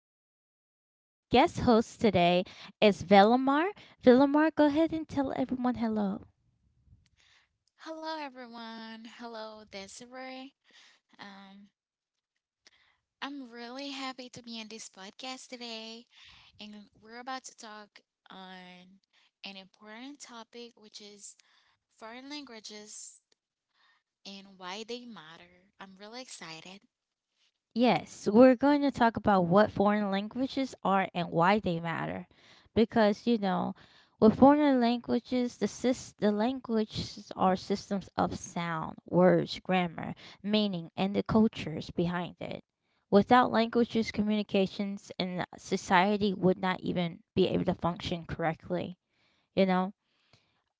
our lovely guest host today is Velamar. Velamar, go ahead and tell everyone hello. Hello, everyone. Hello, Desiree. Um, I'm really happy to be on this podcast today, and we're about to talk on an important topic, which is foreign languages and why they matter. I'm really excited. Yes, we're going to talk about what foreign languages are and why they matter. Because, you know, with foreign languages, the languages are systems of sound, words, grammar, meaning, and the cultures behind it. Without languages, communications, and society would not even be able to function correctly, you know?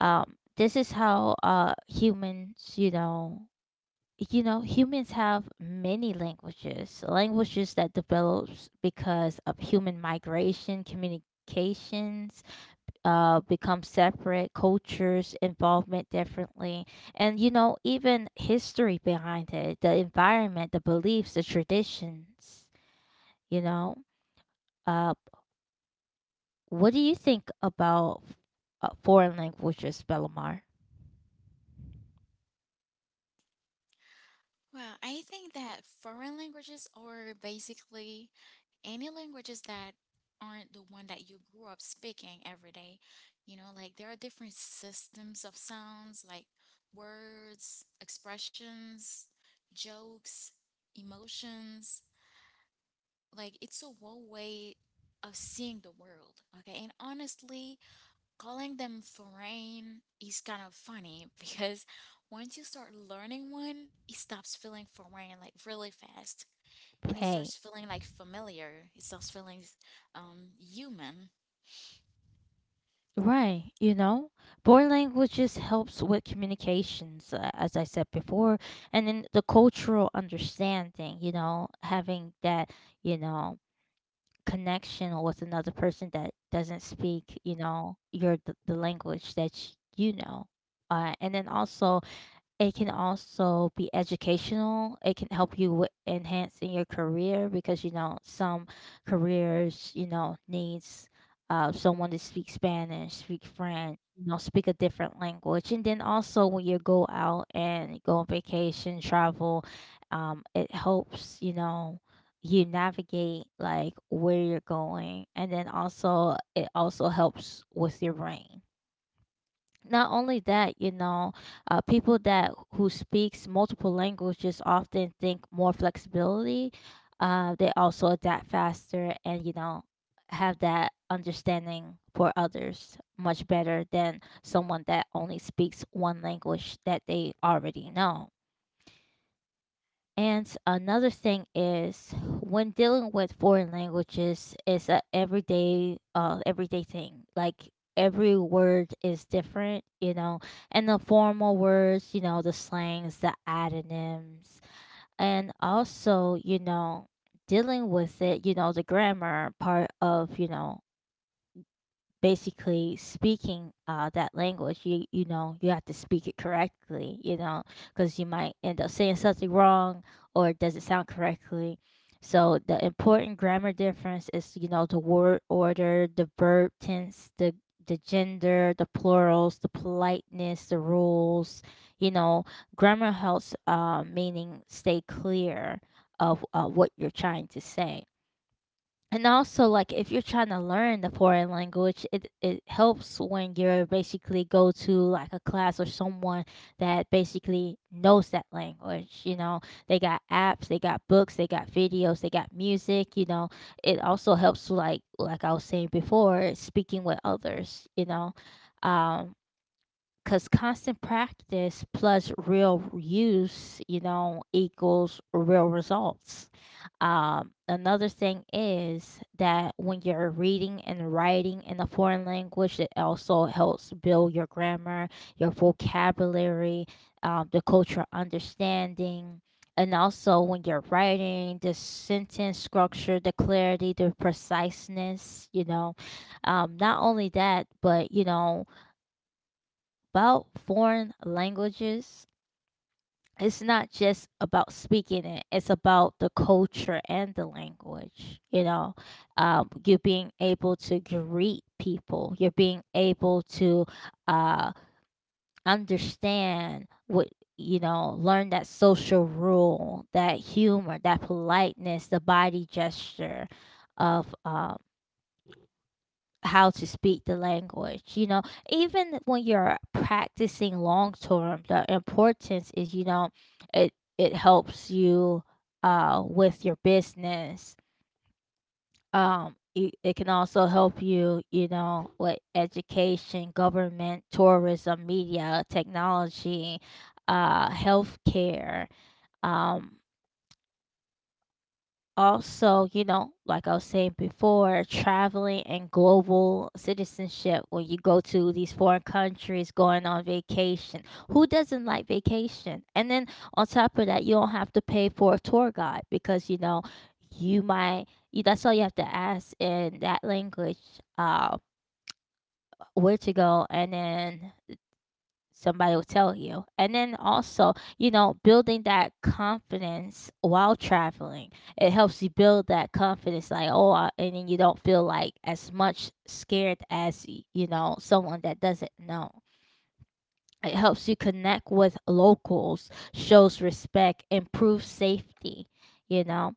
This is how humans, humans have many languages that develops because of human migration communications, become separate cultures involvement differently. And even history behind it, the environment, the beliefs, the traditions you know uh, what do you think about foreign languages, belomar? Well, I think that foreign languages are basically any languages that aren't the one that you grew up speaking every day. You know, like there are different systems of sounds like words, expressions, jokes, emotions. Like it's a whole way of seeing the world. Okay. And honestly, calling them foreign is kind of funny because once you start learning one, it stops feeling foreign like really fast and it Hey. starts feeling like familiar. It starts feeling human. Right, foreign languages helps with communications, as I said before, and then the cultural understanding, having that, you know, connection with another person that doesn't speak, your the language that. And then also, it can also be educational. It can help you with enhancing your career, because some careers needs someone to speak Spanish, speak French, speak a different language. And then also when you go out and go on vacation, travel, it helps, you navigate like where you're going. And then also it also helps with your brain. Not only that, people that who speaks multiple languages often think more flexibility. They also adapt faster, and have that understanding for others much better than someone that only speaks one language that they already know. And another thing is, when dealing with foreign languages, it's a everyday thing. Like every word is different, and the formal words, the slangs, the adonyms. And also, dealing with it, the grammar part of, basically speaking that language, you know you have to speak it correctly, because you might end up saying something wrong, or it doesn't sound correctly. So the important grammar difference is, the word order, the verb tense, the gender, the plurals, the politeness, the rules you know Grammar helps, meaning stay clear of, what you're trying to say. And also, like if you're trying to learn the foreign language, it helps when you're basically go to like a class, or someone that basically knows that language. They got apps, they got books, they got videos, they got music. It also helps to, like I was saying before, speaking with others. Um because constant practice plus real use, equals real results. Another thing is that when you're reading and writing in a foreign language, it also helps build your grammar, your vocabulary, the cultural understanding. And also, when you're writing, the sentence structure, the clarity, the preciseness. Not only that, but, about foreign languages, it's not just about speaking it, it's about the culture and the language. You're being able to greet people, you're being able to, uh, understand what, learn that social rule, that humor, that politeness, the body gesture of, how to speak the language. Even when you're practicing long term, the importance is, it helps you, with your business. It can also help you, you know with education, government, tourism, media, technology, healthcare. um Also, like I was saying before, traveling and global citizenship, when you go to these foreign countries going on vacation. Who doesn't like vacation? And then on top of that, you don't have to pay for a tour guide, because, you might you, that's all you have to ask in that language, uh where to go, and then somebody will tell you. And then also, building that confidence while traveling. It helps you build that confidence, like, oh, I, and then you don't feel like as much scared as, someone that doesn't know. It helps you connect with locals, shows respect, improves safety, you know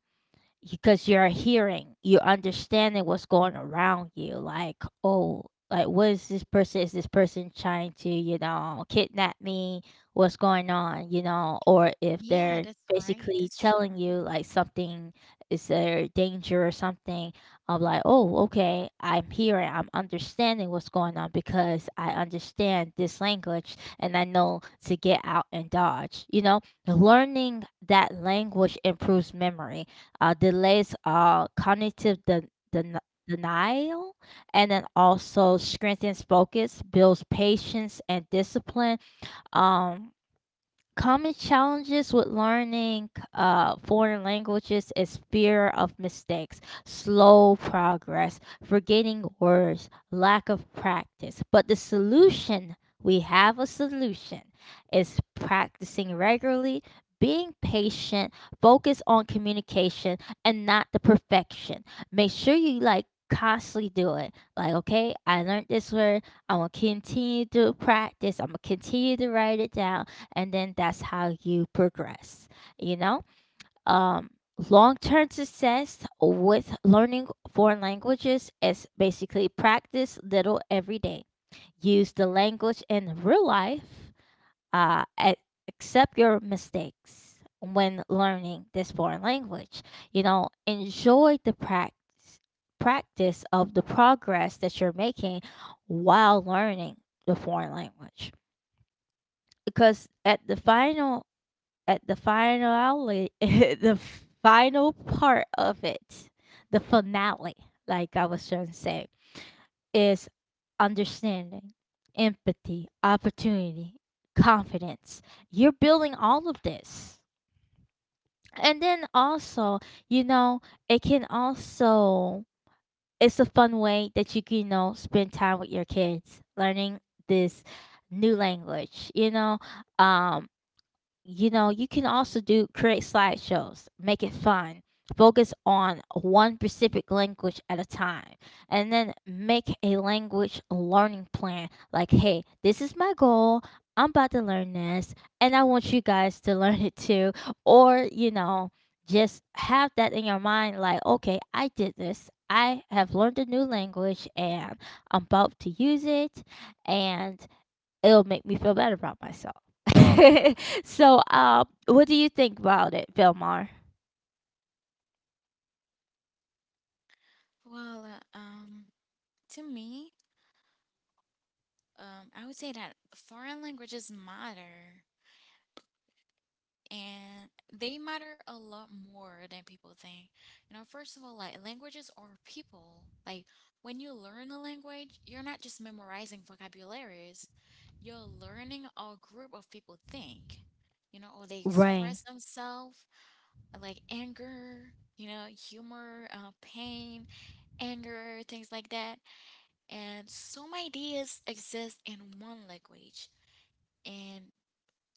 because you're hearing, you're understanding what's going around you. Like, oh, like what is this person? Is this person trying to, kidnap me? What's going on? Or if Yeah, they're that's right. basically That's telling true. you like something, is there danger or something? I'm like, oh, okay, I'm hearing, I'm understanding what's going on, because I understand this language, and I know to get out and dodge. Learning that language improves memory, delays cognitive den- denial, and then also strengthens focus, builds patience and discipline. Um, Common challenges with learning, foreign languages is fear of mistakes, slow progress, forgetting words, lack of practice. But the solution, we have a solution, is practicing regularly, being patient, focus on communication and not the perfection. Make sure you like constantly do it, like, okay, I learned this word, I'm gonna continue to practice, I'm gonna continue to write it down, and then that's how you progress. you know um Long-term success with learning foreign languages is basically practice little every day, use the language in real life, uh, a- accept your mistakes when learning this foreign language. Enjoy the practice of the progress that you're making while learning the foreign language. Because at the finale, the final part of it, the finale, like I was trying to say, is understanding, empathy, opportunity, confidence. You're building all of this. And then also, you know, it can also, it's a fun way that you can, spend time with your kids learning this new language. Um, you can also do, create slideshows, make it fun, focus on one specific language at a time, and then make a language learning plan like, hey, this is my goal, I'm about to learn this, and I want you guys to learn it too. Or just have that in your mind like, okay, I did this, I have learned a new language, and I'm about to use it, and it'll make me feel better about myself. So, what do you think about it, Velmar? Well, to me, I would say that foreign languages matter, and they matter a lot more than people think. You know, first of all, like languages are people. Like when you learn a language, you're not just memorizing vocabularies. You're learning how a group of people think, you know, or they Right, express themselves like anger, you know, humor, pain, anger, things like that. And some ideas exist in one language, and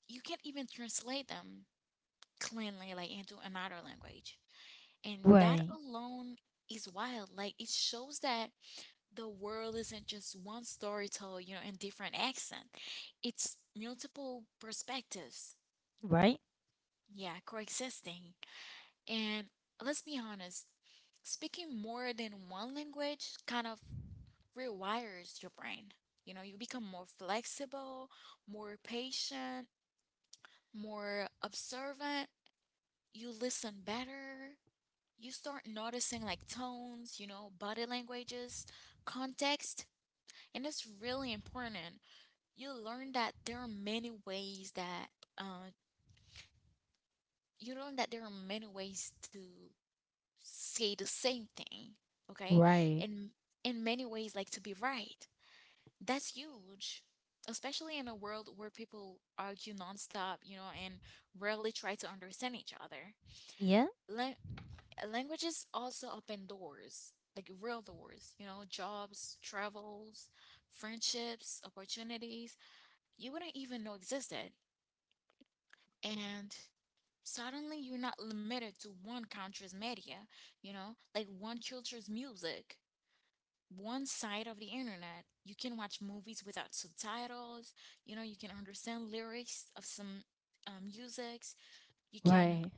you can't even translate them cleanly, like into another language. And that right. alone is wild. Like it shows that the world isn't just one story told, you know, in different accent. It's multiple perspectives. Right, Yeah, coexisting. And let's be honest, speaking more than one language kind of rewires your brain. You know, you become more flexible, more patient, more observant. You listen better. You start noticing like tones, you know, body languages, context. And it's really important. You learn that there are many ways that uh, you learn that there are many ways to say the same thing, okay? right. And in many ways, like to be right. That's huge, especially in a world where people argue nonstop, you know, and rarely try to understand each other. Yeah, Lan- Languages also open doors, like real doors, you know, jobs, travels, friendships, opportunities you wouldn't even know existed. And suddenly you're not limited to one country's media, you know, like one culture's music, one side of the internet. You can watch movies without subtitles, you know, you can understand lyrics of some musics, you can right.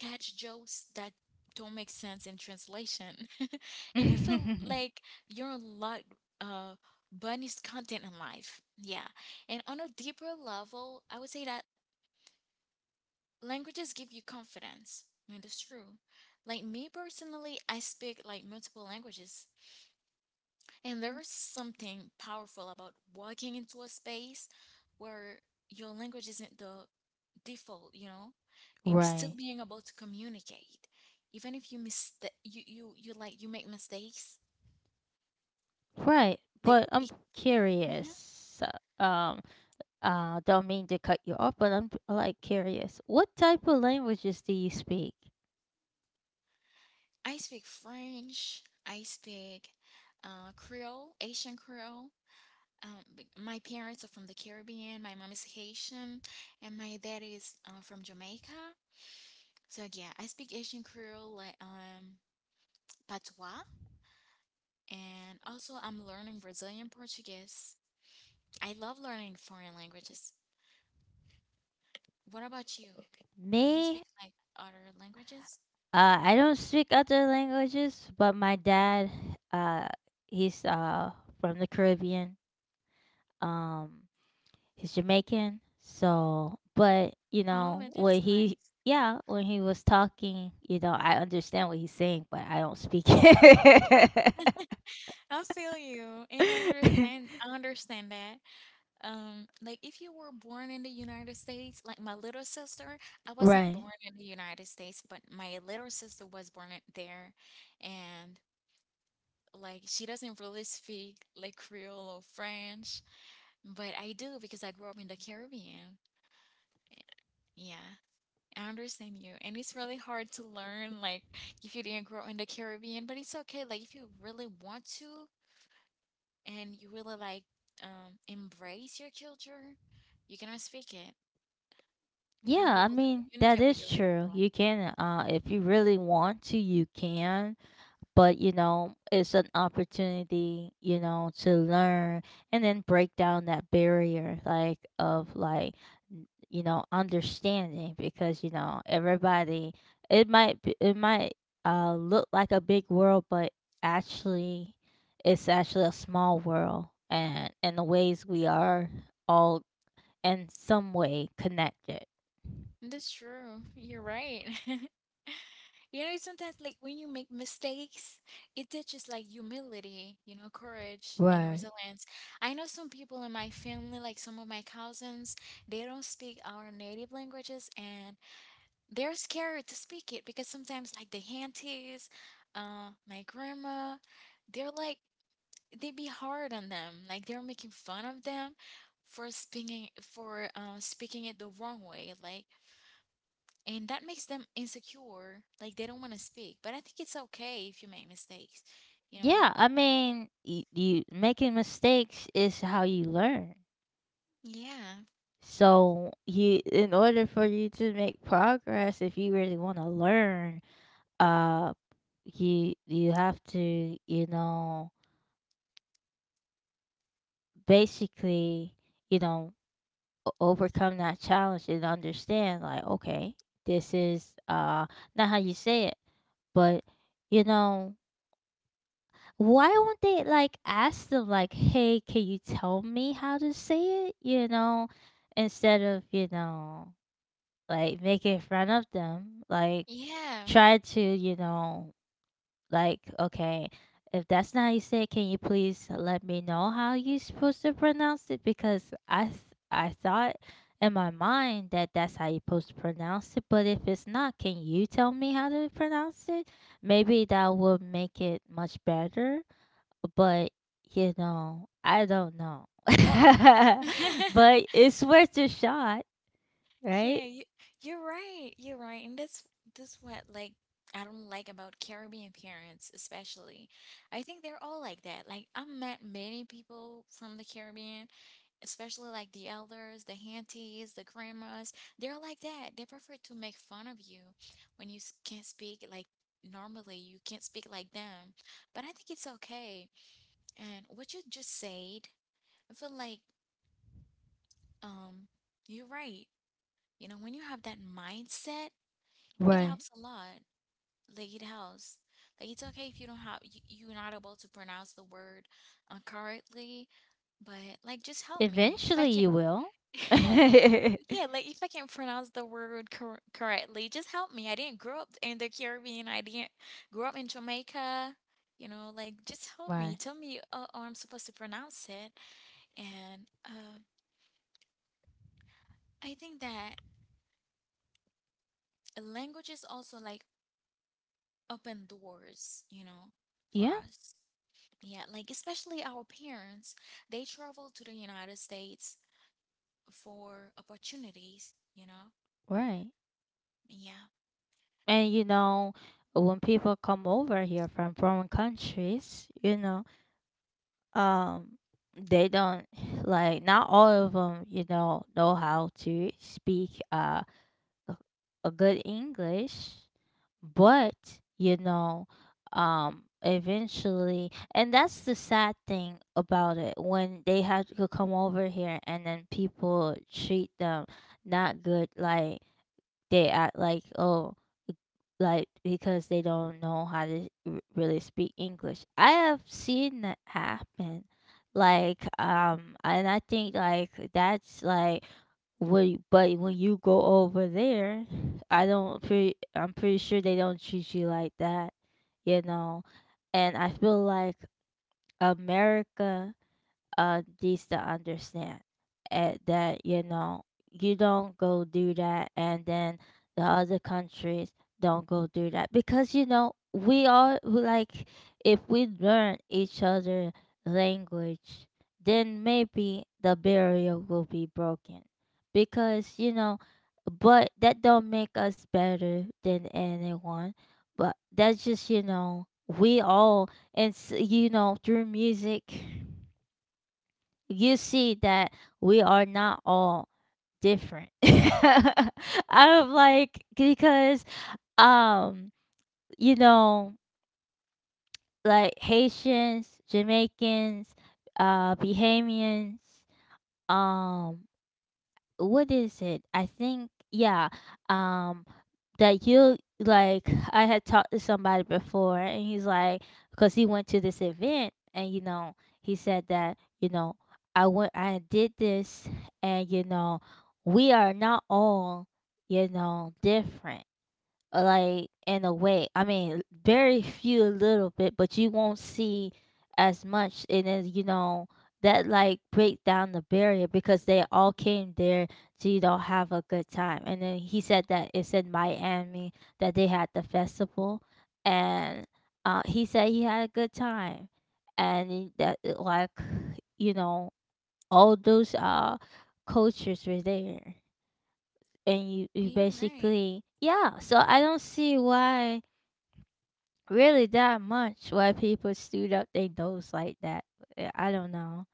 catch jokes that don't make sense in translation, and you feel like you're a lot. Uh, Bunny's content in life. Yeah. And on a deeper level, I would say that languages give you confidence. And it's true. Like me personally, I speak like multiple languages. And there is something powerful about walking into a space where your language isn't the default, you know, and still Right. being able to communicate. Even if you mistake, you like, you make mistakes. Right. Like, But I'm it, Mhm. curious. uh, Um, don't mean to cut you off, but I'm like curious. What type of languages do you speak? I speak French, I speak Creole, Asian Creole. My parents are from the Caribbean. My mom is Haitian, and my dad is from Jamaica. So yeah, I speak Asian Creole, like patois, and also I'm learning Brazilian Portuguese. I love learning foreign languages. What about you? Do you Me, speak like other languages? I don't speak other languages, but my dad, uh, he's from the Caribbean. Um, he's Jamaican, so, but you Oh, know it when is he. nice. Yeah, when he was talking, you know, I understand what he's saying, but I don't speak it. I feel you, and I understand. I understand that. Like if you were born in the United States, like my little sister, I wasn't Right. born in the United States, but my little sister was born in there, and like she doesn't really speak like Creole or French, but I do because I grew up in the Caribbean. Yeah, I understand you, and it's really hard to learn like if you didn't grow up in the Caribbean, but it's okay. Like if you really want to and you really like embrace your culture, you can speak it. You can Yeah, be I able to mean, that communicate with is your true. people. You can, if you really want to, you can. But you know, it's an opportunity, to learn, and then break down that barrier, like, of like, understanding, because you know, everybody, it might look like a big world, but actually, it's actually a small world, and the ways we are all in some way connected. That's true. You're right. You know, sometimes like when you make mistakes, it teaches like humility, you know, courage and Right. resilience. I know some people in my family, like some of my cousins, they don't speak our native languages and they're scared to speak it because sometimes like the aunties, my grandma, they're like they be hard on them. Like they're making fun of them for speaking it the wrong way. Like, and that makes them insecure. Like they don't want to speak. But I think it's okay if you make mistakes. You know? Yeah, I mean, you making mistakes is how you learn. Yeah. So you in order for you to make progress, if you really want to learn, uh you have to, basically, you know, overcome that challenge and understand like, okay, this is not how you say it, but, you know, why won't they like ask them like, "Hey, can you tell me how to say it?" Instead of, like make it in front of them, like Yeah. try to, like, okay, if that's not how you say it, can you please let me know how you supposed to pronounce it? Because I thought in my mind that that's how you supposed to pronounce it, but if it's not, can you tell me how to pronounce it? Maybe that would make it much better. But you know, I don't know. But it's worth a shot. Right. Yeah, you, you're right. You're right. And that's what like I don't like about Caribbean parents especially. I think they're all like that. Like I've met many people from the Caribbean, especially like the elders, the aunties, the grandmas. They're like that. They prefer to make fun of you when you can't speak like normally. You can't speak like them. But I think it's okay. And what you just said, I feel like um you're right. You know, when you have that mindset it Right. helps a lot. Like it helps. Like it's okay if you don't have you, you're not able to pronounce the word correctly, but like just help me if I Eventually can. you will. Yeah, like if I can't pronounce the word correctly, just help me. I didn't grow up in the Caribbean. I didn't grow up in Jamaica. You know, like just help me. Right. Tell me how I'm supposed to pronounce it. And I think that languages also like open doors, you know, for Yeah, us. Yeah, like especially our parents, they travel to the United States for opportunities, you know? right. Yeah. And you know, when people come over here from foreign countries, um, they don't like not all of them, know how to speak a a good English. But you know eventually, and that's the sad thing about it, when they had to come over here and then people treat them not good, like they act like, oh, like, because they don't know how to really speak English. I have seen that happen. And I think that's like when, but when you go over there, I'm pretty sure they don't treat you like that, you know. And I feel like America needs to understand, that you know, you don't go do that, and then the other countries don't go do that, because you know, we all we like, if we learn each other language, then maybe the barrier will be broken. Because you know, but that don't make us better than anyone. But that's just, you know, we all you know, through music you see that we are not all different. I'm like, because um you know, like Haitians, Jamaicans, Bahamians, um what is it? I think, yeah, um that you like, I had talked to somebody before, and he's like, because he went to this event, and you know, he said that, you know, I went, I did this, and you know, we are not all, you know, different, like in a way. I mean, very few, a little bit, but you won't see as much. And then you know that, like, break down the barrier, because they all came there to, you know, have a good time. And then he said that it's in Miami that they had the festival, and he said he had a good time, and that like, you know, all those cultures were there, and Yeah, you you're right. basically, yeah, so I don't see why really that much why people stood up their nose like that. I don't know,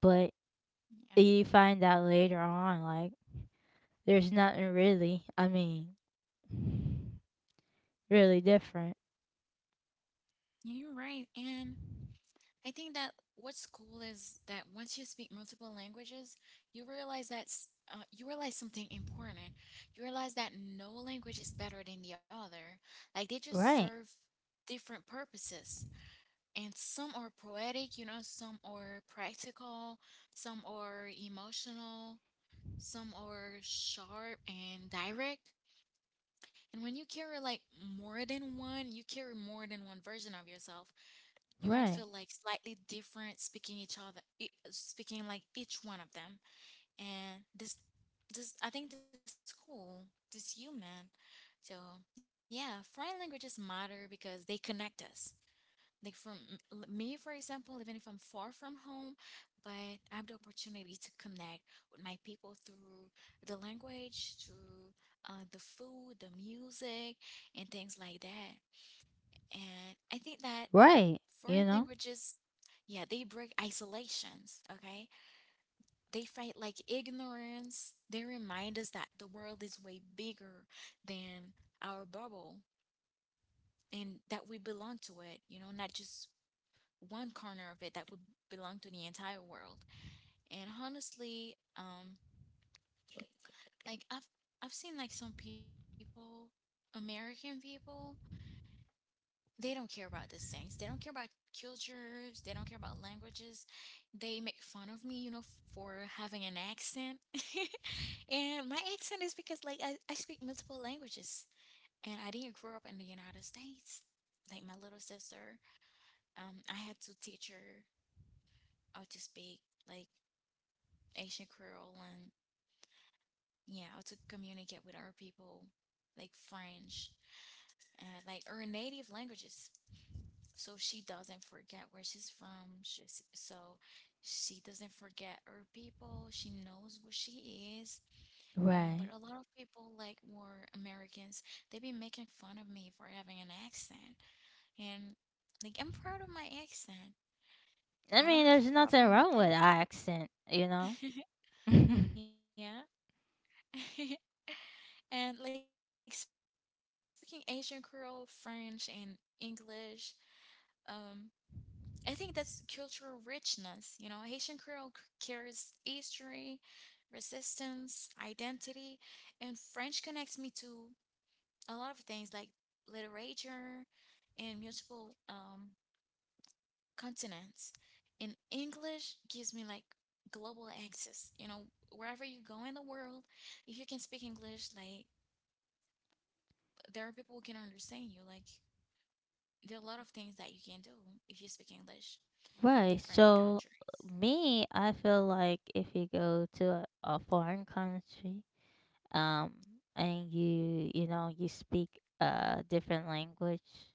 but Yeah. you find out later on, like, there's nothing really, I mean, really different. Yeah, you're right. And I think that what's cool is that once you speak multiple languages, you realize something important. You realize that no language is better than the other. Like they just Right. serve different purposes. And some are poetic, you know, some are practical, some are emotional, some are sharp and direct. And when you carry like more than one, you carry more than one version of yourself. You might Right. feel like slightly different speaking each other, speaking like each one of them. And I think this cool, this human. So yeah, foreign languages matter because they connect us. Like for me, for example, even if I'm far from home, but I have the opportunity to connect with my people through the language, through the food, the music, and things like that. And I think that Right. You foreign know. languages, yeah, they break isolations, okay? They fight like ignorance. They remind us that the world is way bigger than our bubble and that we belong to it, you know, not just one corner of it that would belong to the entire world. And honestly, like I've seen like some people, American people, they don't care about these things. They don't care about cultures. They don't care about languages. They make fun of me, you know, for having an accent. And my accent is because like I speak multiple languages and I didn't grow up in the United States. Like my little sister, I had to teach her how to speak like Asian Creole and yeah, how to communicate with our people, like French and like her native languages. So she doesn't forget where she's from. So she doesn't forget her people. She knows who she is, you know. But Right. a lot of people, like were Americans, they be making fun of me for having an accent. And like, I'm proud of my accent. I I don't mean, have a there's nothing problem with wrong with accent, you know. it. Yeah. And like speaking Asian Creole, French, and English. Um, I think that's cultural richness. You know, Haitian Creole carries history, resistance, identity, and French connects me to a lot of things like literature and multiple continents. And English gives me like global access. You know, wherever you go in the world, if you can speak English, like there are people who can understand you. Like there are a lot of things that you can do if you speak English in different Right. So countries. Me, I feel like if you go to a foreign country, um, and you know, you speak a different language,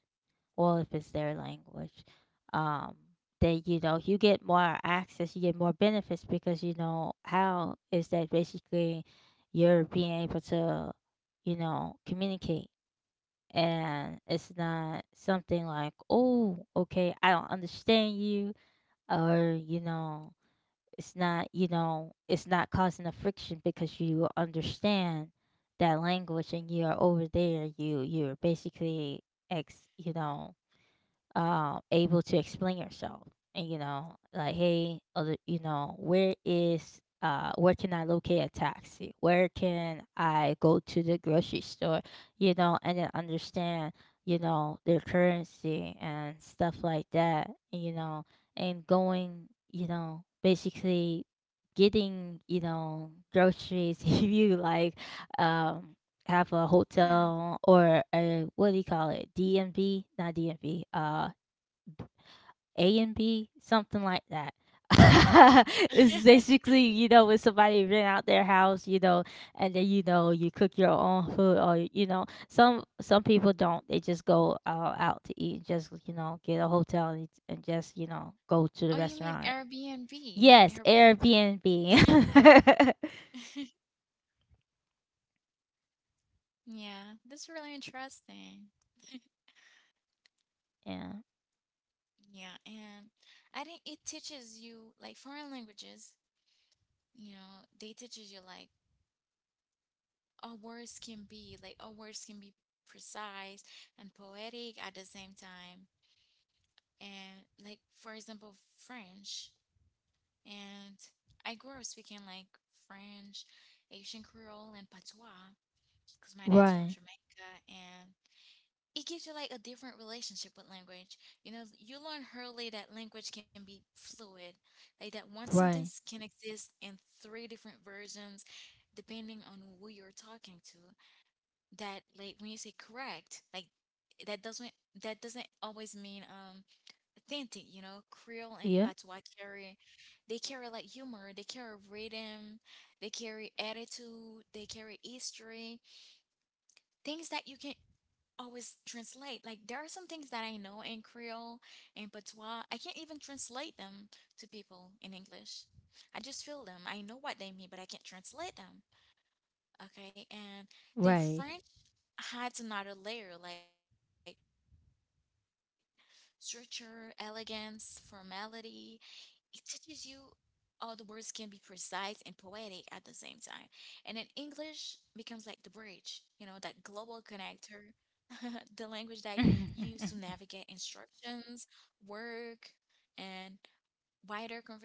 well, if it's their language, um, then you know you get more access, you get more benefits, because you know how is that, basically you're being able to, you know, communicate. And it's not something like, oh, okay, I don't understand you, or you know, it's not, you know, it's not causing a friction because you understand that language, and you're over there, you you're basically ex you know, able to explain yourself. And you know, like, hey, other, you know, where is, where can I locate a taxi, where can I go to the grocery store, you know, and then understand, you know, their currency and stuff like that, you know. And going, you know, basically getting, you know, groceries. If you like, um have a Yeah. hotel or a, what do you call it, DMV, not DMV, A and B, something like that. It's basically, you know, when somebody rent out their house, you know, and then you know, you cook your own food, or you know, some people don't. They just go, out to eat, just, you know, get a hotel, and just, you know, go to Oh, the you mean restaurant. Airbnb? Yes, Airbnb. Airbnb. Yeah, that's really interesting. Yeah. Yeah, and I think it teaches you like foreign languages, you know, they teaches you like our words can be precise and poetic at the same time. And like for example, French. And I grew up speaking like French, Asian Creole, and Patois because my dad's from Right. Jamaica. And it gives you like a different relationship with language. You know, you learn early that language can be fluid, like that one sentence Right. can exist in three different versions depending on who you're talking to. That, like, when you say correct, like, that doesn't that doesn't always mean authentic. You know, Creole and Yeah. Patois carry, they carry like humor, they carry rhythm, they carry attitude, they carry history, things that you can always translate. Like there are some things that I know in Creole and Patois, I can't even translate them to people in English. I just feel them. I know what they mean, but I can't translate them. Okay, and then Right. French adds another layer, like structure, elegance, formality. It teaches you all the words can be precise and poetic at the same time. And then English becomes like the bridge, you know, that global connector, the language that you use to navigate instructions, work, and wider conversations,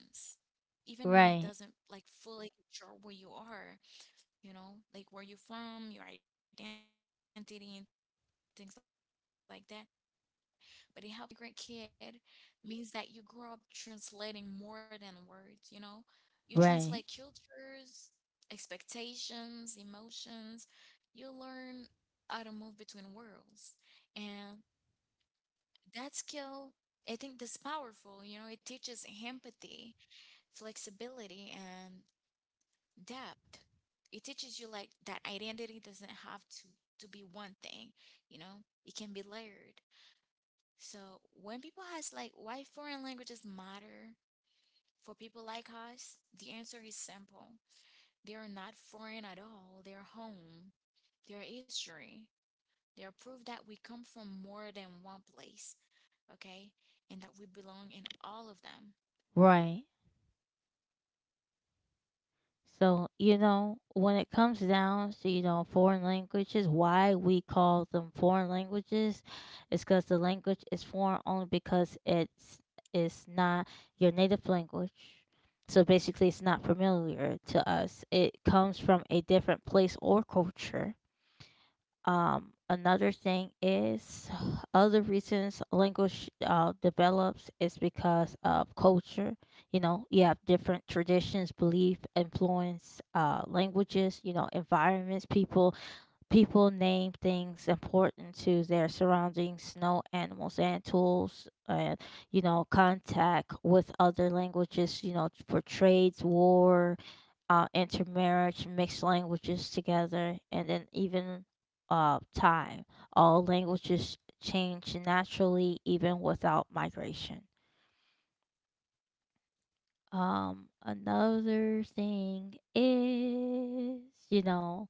even when it doesn't like Right. fully capture where you are, you know, like where you're from, your identity, and things like that. But it helps you in a lot of way. And being multilingual as a Caribbean immigrant kid means that you grow up translating more than words, you know? You Right. translate cultures, expectations, emotions. You learn how to move between worlds. And that skill, I think that's powerful, you know, it teaches empathy, flexibility, and depth. It teaches you like that identity doesn't have to be one thing, you know? It can be layered. So when people ask like why foreign languages matter for people like us, the answer is simple. They are not foreign at all. They're home. They're history. They're proof that we come from more than one place, okay? And that we belong in all of them. Right. So, you know, when it comes down to, you know, foreign languages, why we call them foreign languages is because the language is foreign only because it's not your native language. So basically it's not familiar to us. It comes from a different place or culture. Another thing is, other reasons language develops is because of culture. You know, you have different traditions, belief, influence, languages. You know, environments, People name things important to their surroundings, snow animals and tools, and you know, contact with other languages, you know, for trades, war, intermarriage, mixed languages together, and then even time. All languages change naturally, even without migration. Another thing is, you know,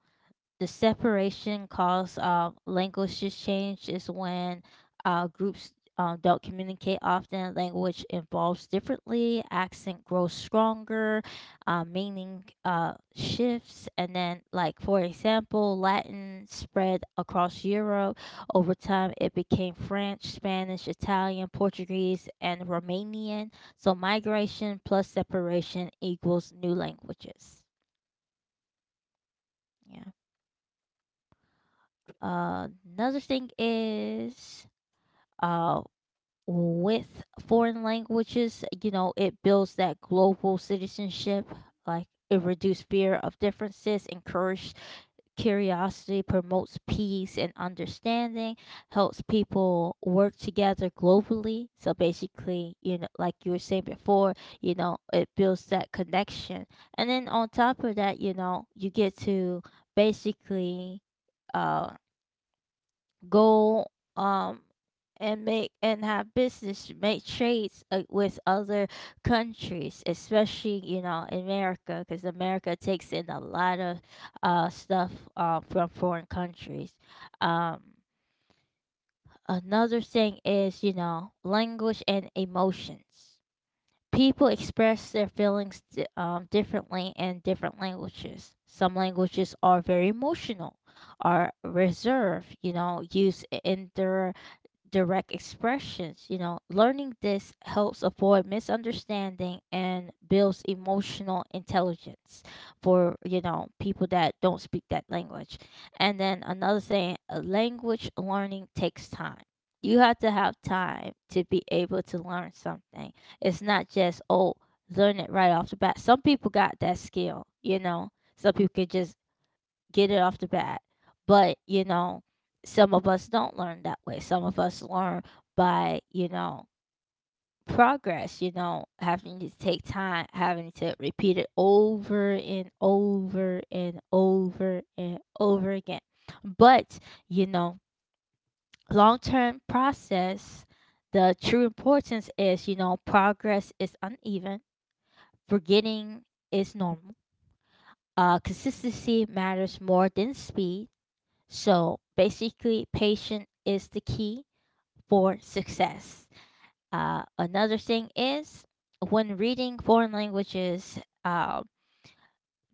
the separation caused language change is when groups don't communicate often. Language evolves differently. Accent grows stronger. Meaning shifts, and then, like, for example, Latin spread across Europe. Over time, it became French, Spanish, Italian, Portuguese, and Romanian. So migration plus separation equals new languages. Yeah. Uh, Another thing is, uh with foreign languages, you know, it builds that global citizenship. Like, it reduces fear of differences, encourages curiosity, promotes peace and understanding, helps people work together globally. So basically, you know, like you were saying before, you know, it builds that connection. And then on top of that, you know, you get to basically uh go, um and make, and have business, make trades with other countries, especially, you know, America, because America takes in a lot of stuff from foreign countries. um Another thing is, you know, language and emotions. People express their feelings differently in different languages. Some languages are very emotional, are reserved, you know, use indirect direct expressions. You know, learning this helps avoid misunderstanding and builds emotional intelligence for, you know, people that don't speak that language. And then another thing, language learning takes time. You have to have time to be able to learn something. It's not just, oh, learn it right off the bat. Some people got that skill, you know. Some people could just get it off the bat. But, you know, some of us don't learn that way. Some of us learn by, you know, progress, you know, having to take time, having to repeat it over and over and over and over again. But, you know, long term process, the true importance is, you know, progress is uneven, forgetting is normal. Consistency matters more than speed. So basically, patient is the key for success. Another thing is, when reading foreign languages,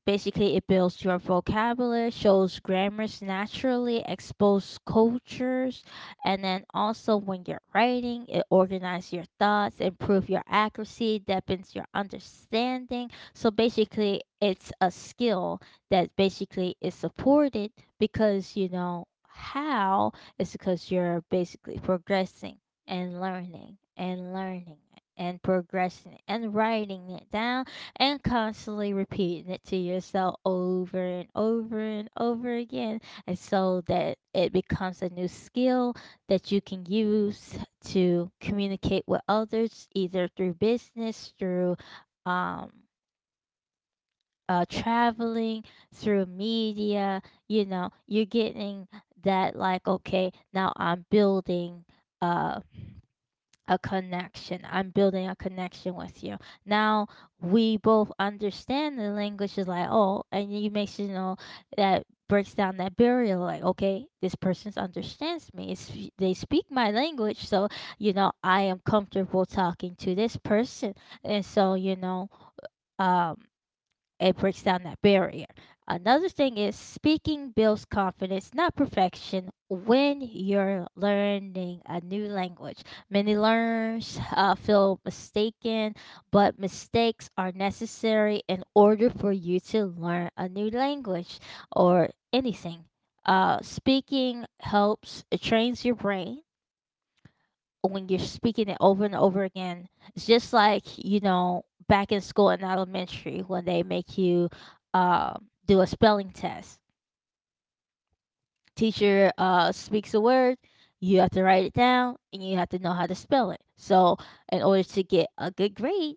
basically, it builds your vocabulary, shows grammars naturally, exposes cultures, and then also when you're writing, it organizes your thoughts, improve your accuracy, deepens your understanding. So basically, it's a skill that basically is supported because you know how, it's because you're basically progressing and learning and learning and progressing and writing it down and constantly repeating it to yourself over and over and over again, and so that it becomes a new skill that you can use to communicate with others, either through business, through um traveling, through media. You know, you're getting that, like, okay, now I'm building uh a connection. I'm building a connection with you. Now we both understand the language is like, oh, and you make sure, you know, that breaks down that barrier, like, okay, this person understands me, it's, they speak my language, so you know, I am comfortable talking to this person. And so, you know, um it breaks down that barrier. Another thing is, speaking builds confidence, not perfection, when you're learning a new language. Many learners feel mistaken, but mistakes are necessary in order for you to learn a new language or anything. Speaking helps, it trains your brain when you're speaking it over and over again. It's just like, you know, back in school in elementary when they make you do a spelling test. Teacher speaks a word, you have to write it down, and you have to know how to spell it. So, in order to get a good grade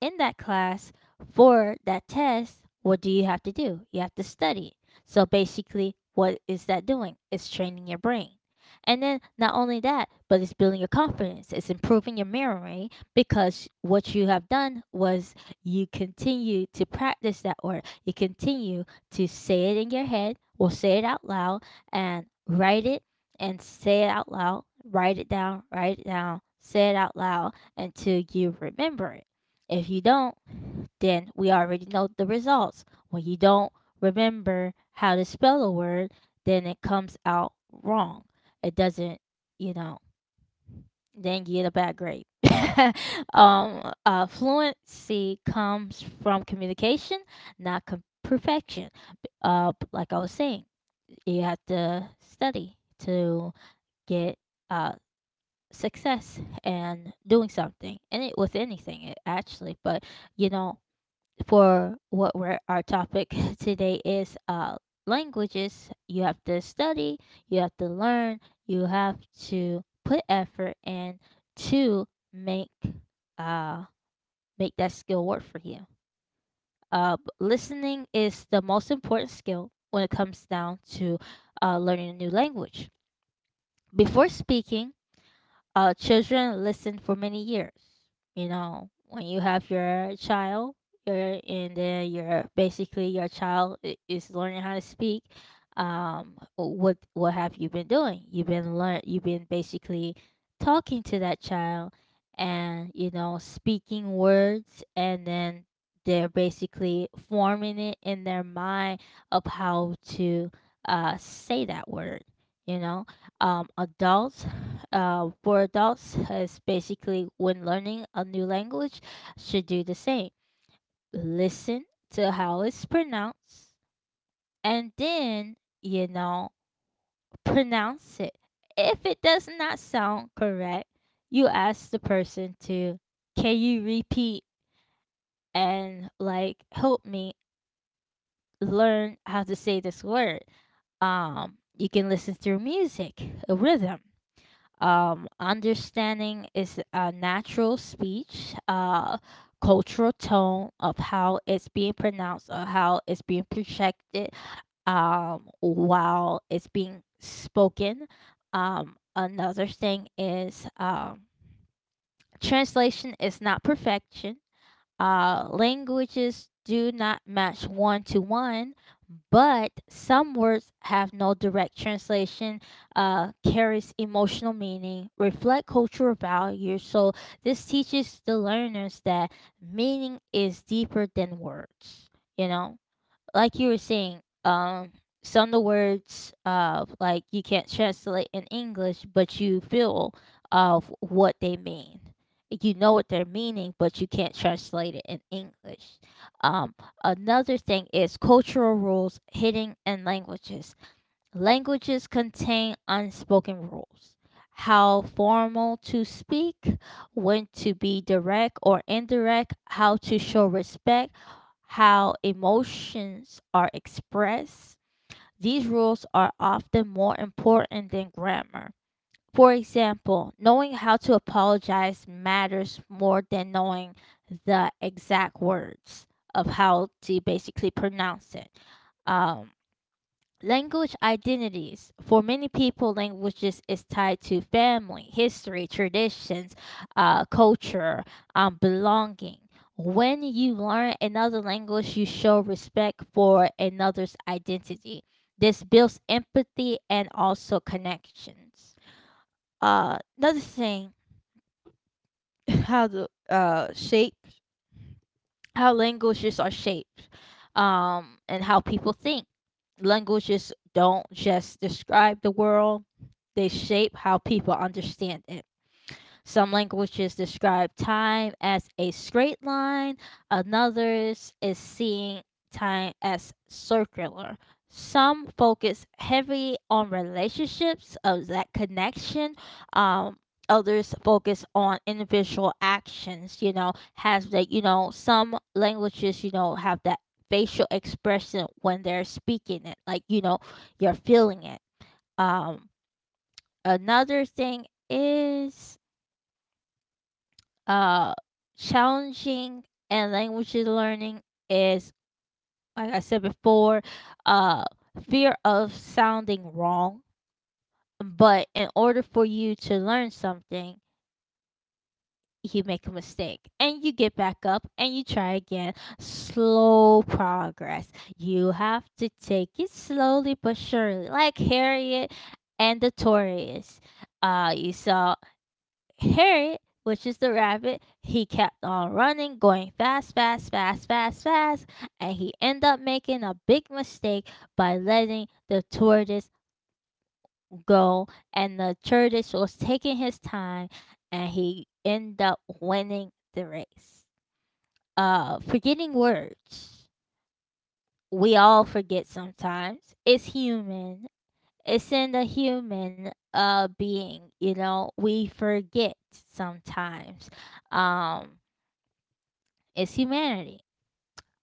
in that class, for that test, what do you have to do? You have to study. So basically, what is that doing? It's training your brain. And then not only that, but it's building your confidence. It's improving your memory, because what you have done was, you continue to practice that word. You continue to say it in your head, or say it out loud, and write it, and say it out loud. Write it down, say it out loud until you remember it. If you don't, then we already know the results. When you don't remember how to spell a word, then it comes out wrong. It doesn't, you know, then get a bad grade. Fluency comes from communication, not perfection. Like I was saying, you have to study to get uh, success and doing something, and it with anything it, actually. But you know, for our topic today is languages. You have to study, you have to learn, you have to put effort in to make uh, make that skill work for you. Listening is the most important skill when it comes down to learning a new language. Before speaking, children listen for many years. You know, when you have your child, you're and then you're basically your child is learning how to speak. What have you been doing? You've been learn. You've been basically talking to that child, and you know, speaking words, and then they're basically forming it in their mind of how to say that word. You know, adults for adults is basically when learning a new language should do the same. Listen to how it's pronounced, and then you know pronounce it. If it does not sound correct, you ask the person to, can you repeat and like help me learn how to say this word. You can listen through music, a rhythm. Understanding is a natural speech, cultural tone of how it's being pronounced or how it's being projected while it's being spoken. Another thing is, translation is not perfection. Languages do not match one to one, but some words have no direct translation, carries emotional meaning, reflect cultural values. So this teaches the learners that meaning is deeper than words, you know? Like you were saying, some of the words, like you can't translate in English, but you feel of what they mean. You know what they're meaning, but you can't translate it in English. Um, Another thing is cultural rules, hitting and languages. Languages contain unspoken rules: how formal to speak, when to be direct or indirect, how to show respect, how emotions are expressed. These rules are often more important than grammar. For example, knowing how to apologize matters more than knowing the exact words of how to basically pronounce it. Um, Language identities. For many people, languages is tied to family, history, traditions, culture, belonging. When you learn another language, you show respect for another's identity. This builds empathy and also connections. Another thing, how to shape, how languages are shaped and how people think. Languages don't just describe the world, they shape how people understand it. Some languages describe time as a straight line, others is seeing time as circular. Some focus heavy on relationships of that connection. Um, Others focus on individual actions. Has that, some languages, have that facial expression when they're speaking it, like you're feeling it. Um, Another thing is uh challenging and language learning is, like I said before, uh fear of sounding wrong. But in order for you to learn something, you make a mistake and you get back up and you try again. Slow progress. You have to take it slowly but surely, like Harriet and the Taurus. You saw Harriet, which is the rabbit, he kept on running, going fast, fast, fast, fast, fast, and he ended up making a big mistake by letting the tortoise go. And the tortoise was taking his time, and he ended up winning the race. Forgetting words. We all forget sometimes. It's human. It's in the human being. We forget sometimes. Um is humanity.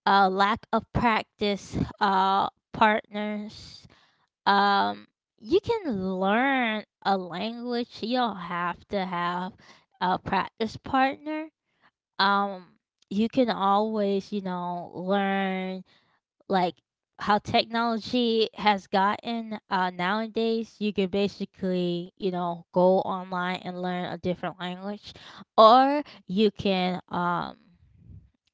A lack of practice, partners. Um, you can learn a language. You don't have to have a practice partner. Um, you can always, learn like how technology has gotten nowadays. You can basically, go online and learn a different language, or you can,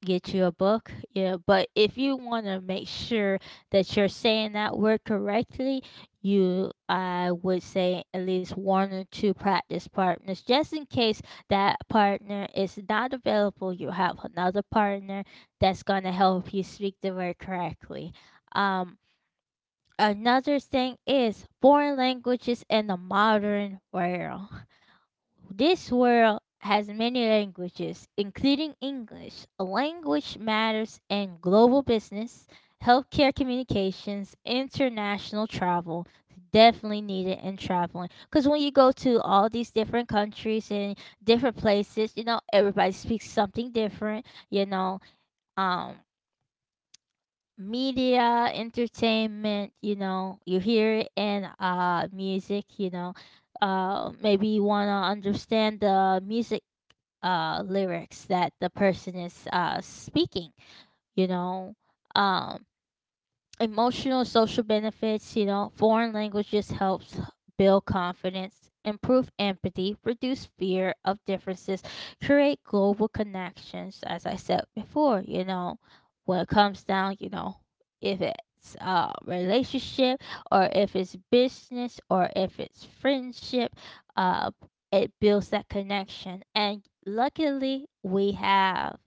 get you a book. Yeah, but if you want to make sure that you're saying that word correctly, you I would say at least one or two practice partners, just in case that partner is not available, you have another partner that's gonna help you speak the word correctly. Um, Another thing is foreign languages in the modern world. This world has many languages, including English. Language matters in global business, healthcare communications, international travel. Definitely needed in traveling, because when you go to all these different countries and different places, everybody speaks something different, Um, Media entertainment, you hear it in music, maybe you want to understand the music, lyrics that the person is speaking, you know um emotional social benefits. Foreign languages helps build confidence, improve empathy, reduce fear of differences, create global connections. As I said before, when it comes down, if it's a relationship, or if it's business, or if it's friendship, uh it builds that connection. And luckily we have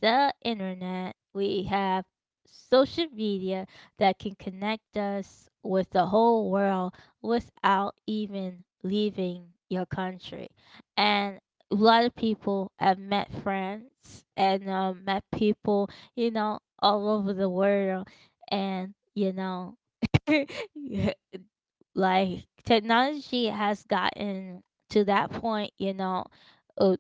the internet, we have social media, that can connect us with the whole world without even leaving your country. And a lot of people have met friends and, met people, all over the world. And, you know, yeah, like technology has gotten to that point, uh,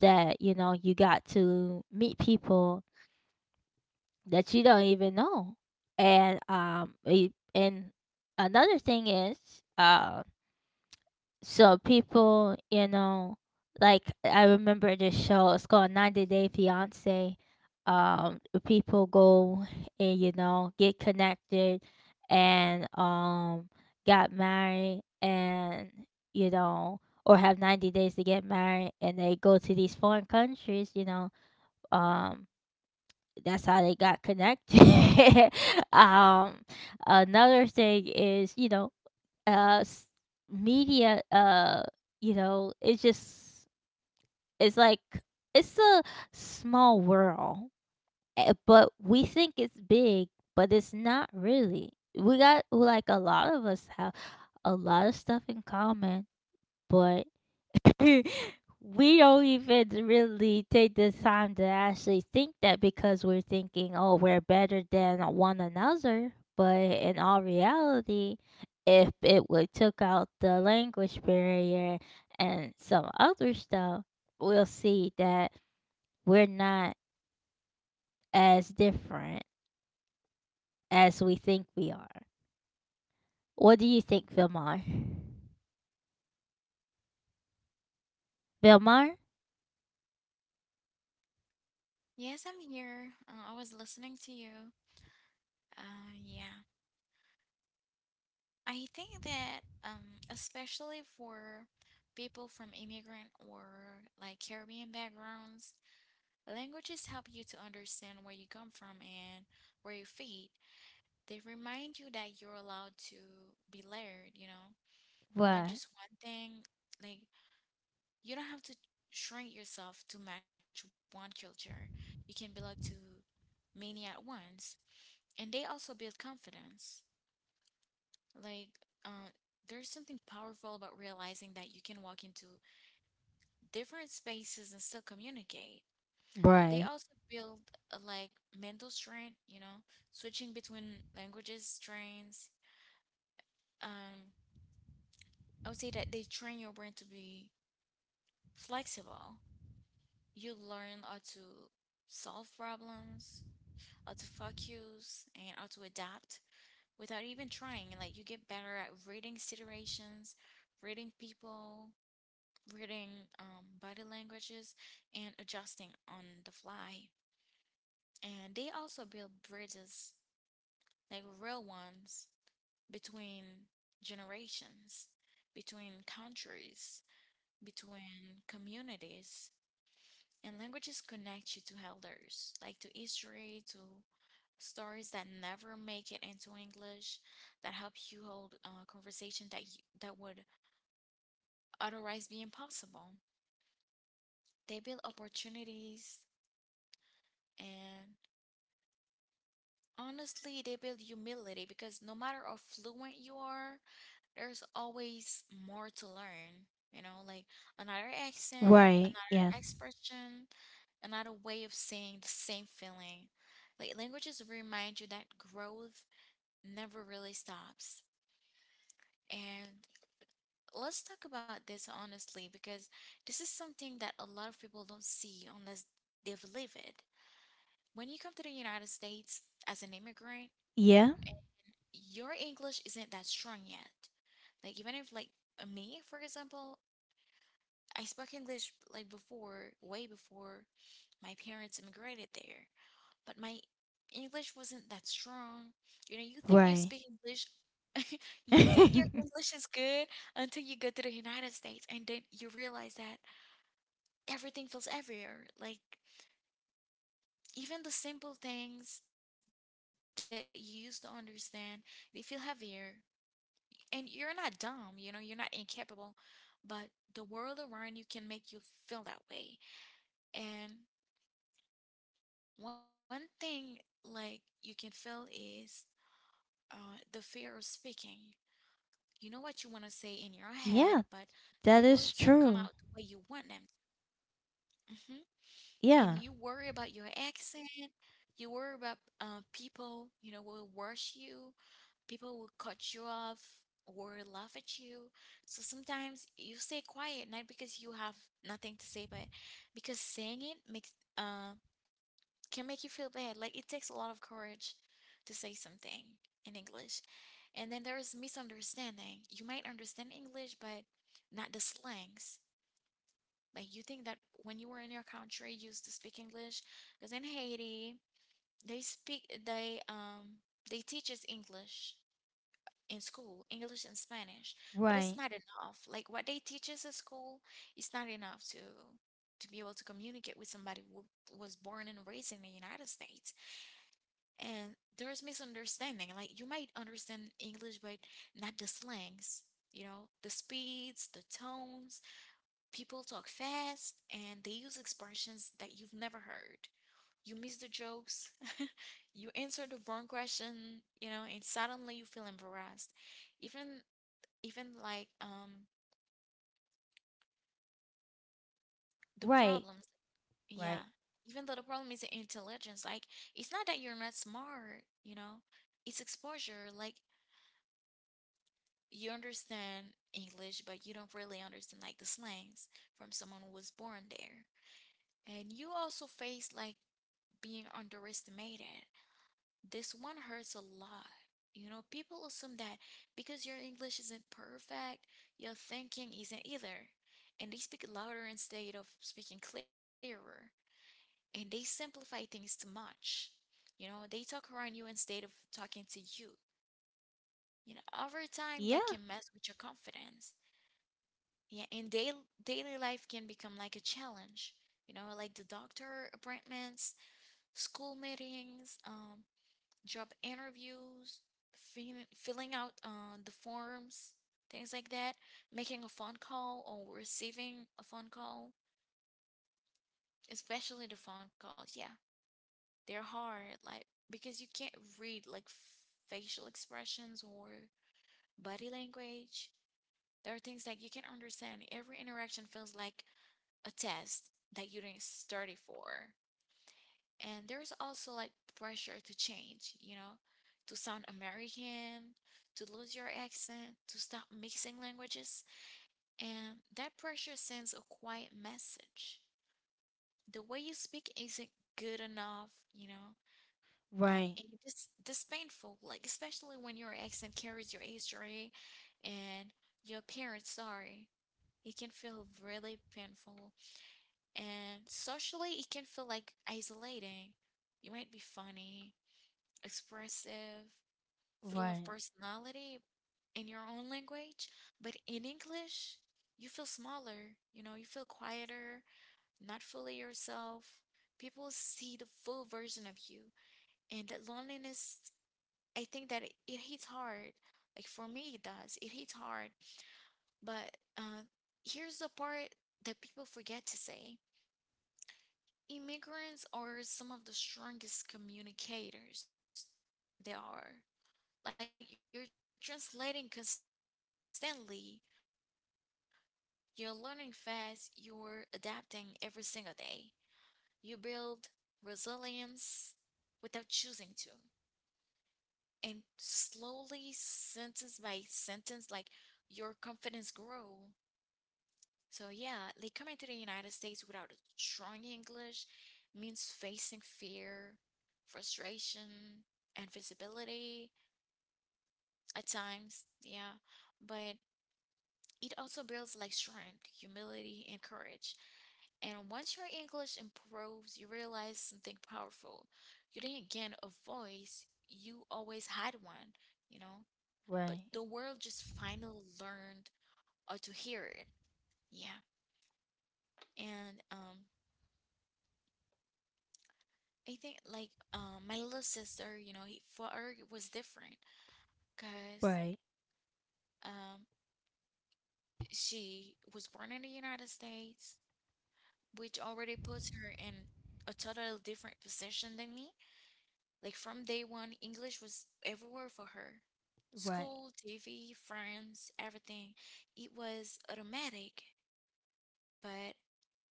that, you got to meet people that you don't even know. And it, and another thing is uh so people, like I remember this show, it's called 90 Day Fiance. Um people go and get connected, and got married, and you know or have 90 days to get married, and they go to these foreign countries, um that's how they got connected. um, Another thing is, uh, s- media. You know, it's just it's like, it's a small world, eh, but we think it's big, but it's not really. We got like a lot of us have a lot of stuff in common, but we don't even really take the time to actually think that, because we're thinking, oh, we're better than one another. But in all reality, if it would took out the language barrier and some other stuff, we'll see that we're not as different as we think we are. What do you think, Vilmar? Vilmar? Yes, I'm here. I was listening to you. Yeah. I think that especially for people from immigrant or like Caribbean backgrounds, languages help you to understand where you come from and where you fit. They remind you that you're allowed to be layered, you know, not What? just one thing. Like you don't have to shrink yourself to match one culture. You can belong to many at once, and they also build confidence. Like, uh, there's something powerful about realizing that you can walk into different spaces and still communicate. They Right. also build like mental strength, you know, switching between languages trains. Um, I would say that they train your brain to be flexible. You learn how to solve problems, how to focus, and how to adapt without even trying. And like, you get better at reading situations, reading people, reading body languages, and adjusting on the fly. And they also build bridges, like real ones, between generations, between countries, between communities. And languages connect you to elders, like to history, to stories that never make it into English, that help you hold a conversation that would otherwise be impossible. They build opportunities, and honestly, they build humility because no matter how fluent you are, there's always more to learn. You know, like another accent, Right. another Yeah. expression, another way of saying the same feeling. Like languages remind you that growth never really stops. And let's talk about this honestly, because this is something that a lot of people don't see unless they've lived it. When you come to the United States as an immigrant, Yeah. your English isn't that strong yet. Like even if like me, for example, I spoke English like before, way before my parents immigrated there, but my English wasn't that strong. You know, you think you Right. speak English, you think your English is good until you go to the United States and then you realize that everything feels heavier. Like even the simple things that you used to understand, they feel heavier and you're not dumb, you know, you're not incapable, but the world around you can make you feel that way. And one thing like you can feel is the fear of speaking. You know what you want to say in your Yeah, head, but that the is words don't come true. out the way you want them. hmm Yeah. And you worry about your accent. You worry about people, you know, will rush you. People will cut you off or laugh at you. So sometimes you stay quiet, not because you have nothing to say, but because saying it makes uh can make you feel bad. Like it takes a lot of courage to say something in English. And then there is misunderstanding. You might understand English, but not the slangs. Like you think that when you were in your country, you used to speak English, because in Haiti they speak they teach us English in school, English and Spanish, but Right. it's not enough. Like what they teach us at school is not enough to be able to communicate with somebody who was born and raised in the United States. And there's misunderstanding. Like you might understand English, but not the slangs. You know, the speeds, the tones. People talk fast and they use expressions that you've never heard. You miss the jokes. You answer the wrong question, you know, and suddenly you feel embarrassed, even even like the Right. problems, yeah, Right. even though the problem is intelligence, like it's not that you're not smart, you know, it's exposure. Like you understand English, but you don't really understand like the slangs from someone who was born there. And you also face like being underestimated. This one hurts a lot. You know, people assume that because your English isn't perfect, your thinking isn't either. And they speak louder instead of speaking clearer, and they simplify things too much. You know, they talk around you instead of talking to you. You know, over time that Yeah. can mess with your confidence. Yeah, and daily life can become like a challenge. You know, like the doctor appointments, school meetings, job interviews, filling out the forms, things like that, making a phone call or receiving a phone call, especially the phone calls. Yeah, they're hard, like because you can't read like facial expressions or body language. There are things that you can't understand. Every interaction feels like a test that you didn't study for. And there's also like pressure to change, you know, to sound American, to lose your accent, to stop mixing languages. And that pressure sends a quiet message. The way you speak isn't good enough, you know. Uh, Right. and it is this painful, like especially when your accent carries your history and your parents' story. It can feel really painful, and socially, it can feel like isolating. You might be funny, expressive, full of Right. personality in your own language, but in English, you feel smaller. You know, you feel quieter, not fully yourself. People see the full version of you, and that loneliness, I think that it hits hard. Like for me, it does. It hits hard. But here's the part that people forget to say, immigrants are some of the strongest communicators there are. Like you're translating constantly, you're learning fast, you're adapting every single day. You build resilience without choosing to. And slowly, sentence by sentence, like your confidence grow. So yeah, like coming to the United States without strong English means facing fear, frustration, and visibility at times, yeah. But it also builds like strength, humility, and courage. And once your English improves, you realize something powerful. You didn't gain a voice, you always had one, you know? But the world just Right. finally learned or to hear it. Yeah. And I think like my little sister, you know, he, for her it was different because Right. um she was born in the United States, which already puts her in a totally different position than me. Like from day one, English was everywhere for her. Right. School, TV, friends, everything. It was automatic. But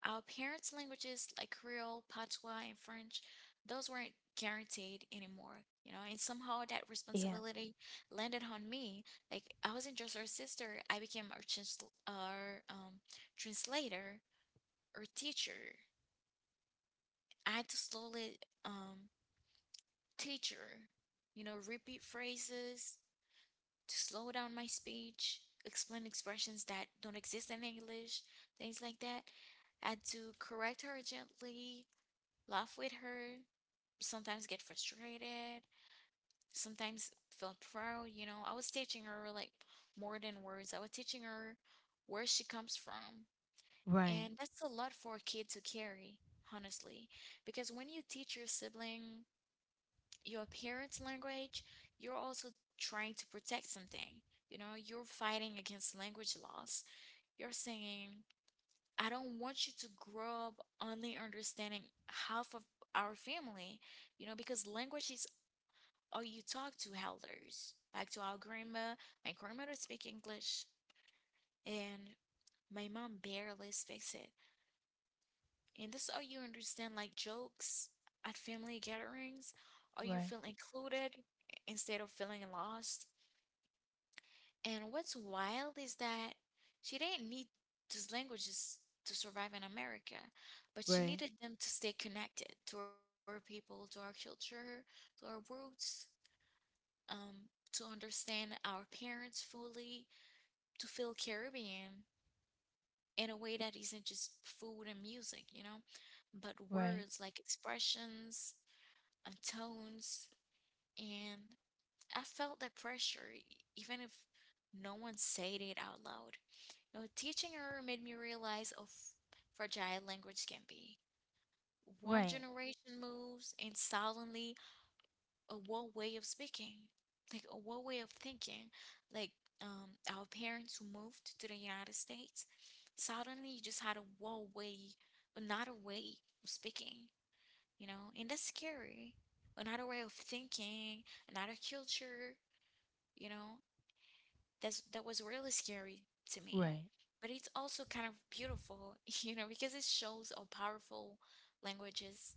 our parents' languages like Creole, Patois, and French, those weren't guaranteed anymore, you know, and somehow that Yeah. responsibility landed on me. Like I wasn't just her sister, I became our translator or teacher. I had to slowly um, teach her, you know, repeat phrases, to slow down my speech, explain expressions that don't exist in English, things like that. I had to correct her gently, laugh with her, sometimes get frustrated, sometimes feel proud. You know, I was teaching her like more than words, I was teaching her where she comes from. Right. And that's a lot for a kid to carry, honestly, because when you teach your sibling your parents' language, you're also trying to protect something. You know, you're fighting against language loss. You're saying, I don't want you to grow up only understanding half of our family, you know, because language is all you talk to elders. Like to our grandma, my grandmother speak English and my mom barely speaks it. And this all you understand like jokes at family gatherings, or you Right. feel included instead of feeling lost. And what's wild is that she didn't need those languages to survive in America, but she Right. needed them to stay connected to our people, to our culture, to our roots, to understand our parents fully, to feel Caribbean in a way that isn't just food and music, you know, but Right. words like expressions and tones. And I felt that pressure, even if no one said it out loud. No, teaching her made me realize how fragile language can be. One Right. generation moves, and suddenly a whole way of speaking, like a whole way of thinking, like our parents who moved to the United States, suddenly you just had a whole way, another way of speaking, you know, and that's scary. Another way of thinking, another culture, you know. That was really scary to me. Right. But it's also kind of beautiful, you know, because it shows how powerful languages,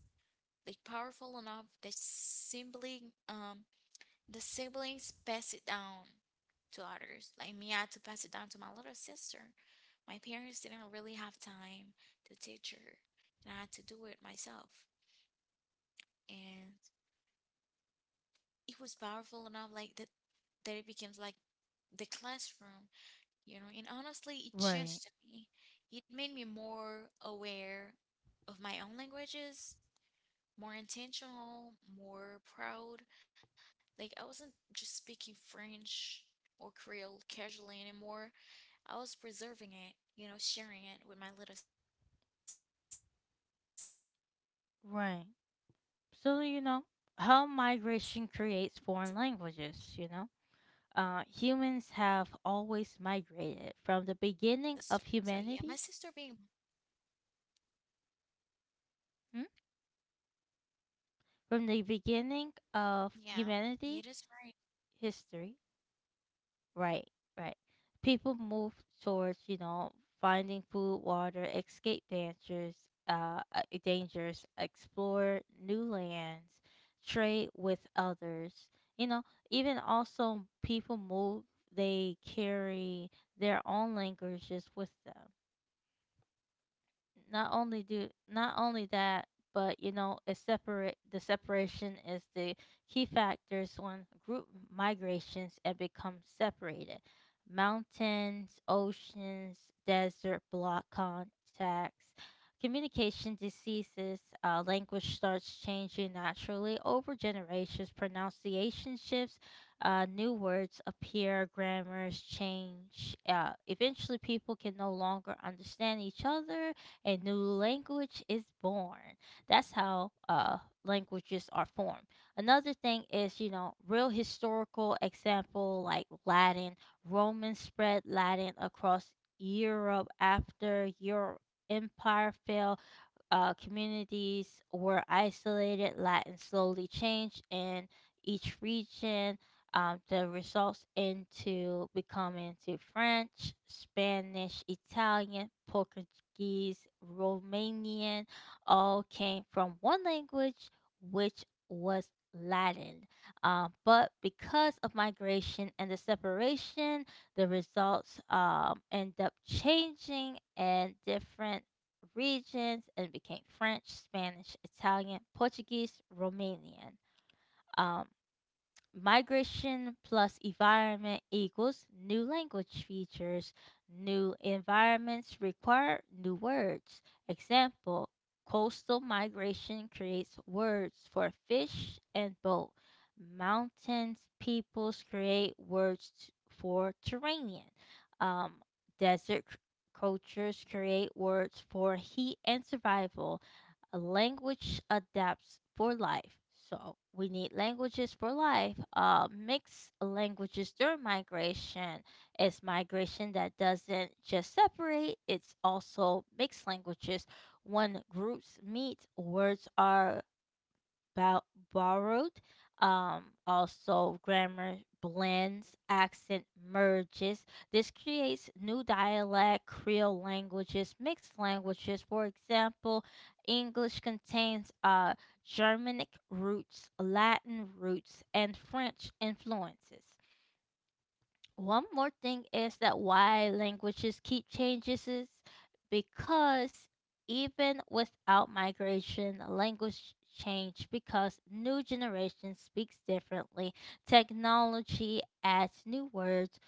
like powerful enough that sibling the siblings pass it down to others. Like me, I had to pass it down to my little sister. My parents didn't really have time to teach her, and I had to do it myself. And it was powerful enough, like that, that it becomes like the classroom, you know, and honestly, it Right. changed me. It made me more aware of my own languages, more intentional, more proud. Like, I wasn't just speaking French or Creole casually anymore, I was preserving it, you know, sharing it with my little sister, making sure that it stayed alive in our Right. family. So, So, yeah, my sister being born how in the United migration States, creates foreign languages, humans have always migrated from the beginning of humanity. Hmm? yeah, From the it is beginning right. of humanity, history. Right, right. People move towards, finding food, water, escape dangers, dangers, explore new lands, trade with others. You know, Even also people move, they carry their own languages with them. Not only do, not only that, but it separate the separation is the key factors when group migrations and become separated. Mountains, oceans, desert block contacts, communication, diseases. Language starts changing naturally over generations. Pronunciation shifts, new words appear, grammars change. Eventually people can no longer understand each other, a new language is born. That's how, languages are formed. Another thing is, real historical example like Latin. Romans spread Latin across Europe. After Europe empire fell, communities were isolated, Latin slowly changed in each region. The results into becoming to French, Spanish, Italian, Portuguese, Romanian, all came from one language, which was Latin. But because of migration and the separation, the results, end up changing and different regions, and became French, Spanish, Italian, Portuguese, Romanian. Um, Migration plus environment equals new language features. New environments require new words. Example: coastal migration creates words for fish and boat. Mountains peoples create words for terrain. Um, Desert cultures create words for heat and survival. A language adapts for life. So we need languages for life. Mixed languages during migration is migration that doesn't just separate, it's also mixed languages. When groups meet, words are bou- borrowed. Also, grammar blends, accent merges. This creates new dialect, Creole languages, mixed languages. For example, English contains Germanic roots, Latin roots, and French influences. One more thing is that why languages keep changes is because, even without migration, language change, because new generation speaks differently, technology adds new words,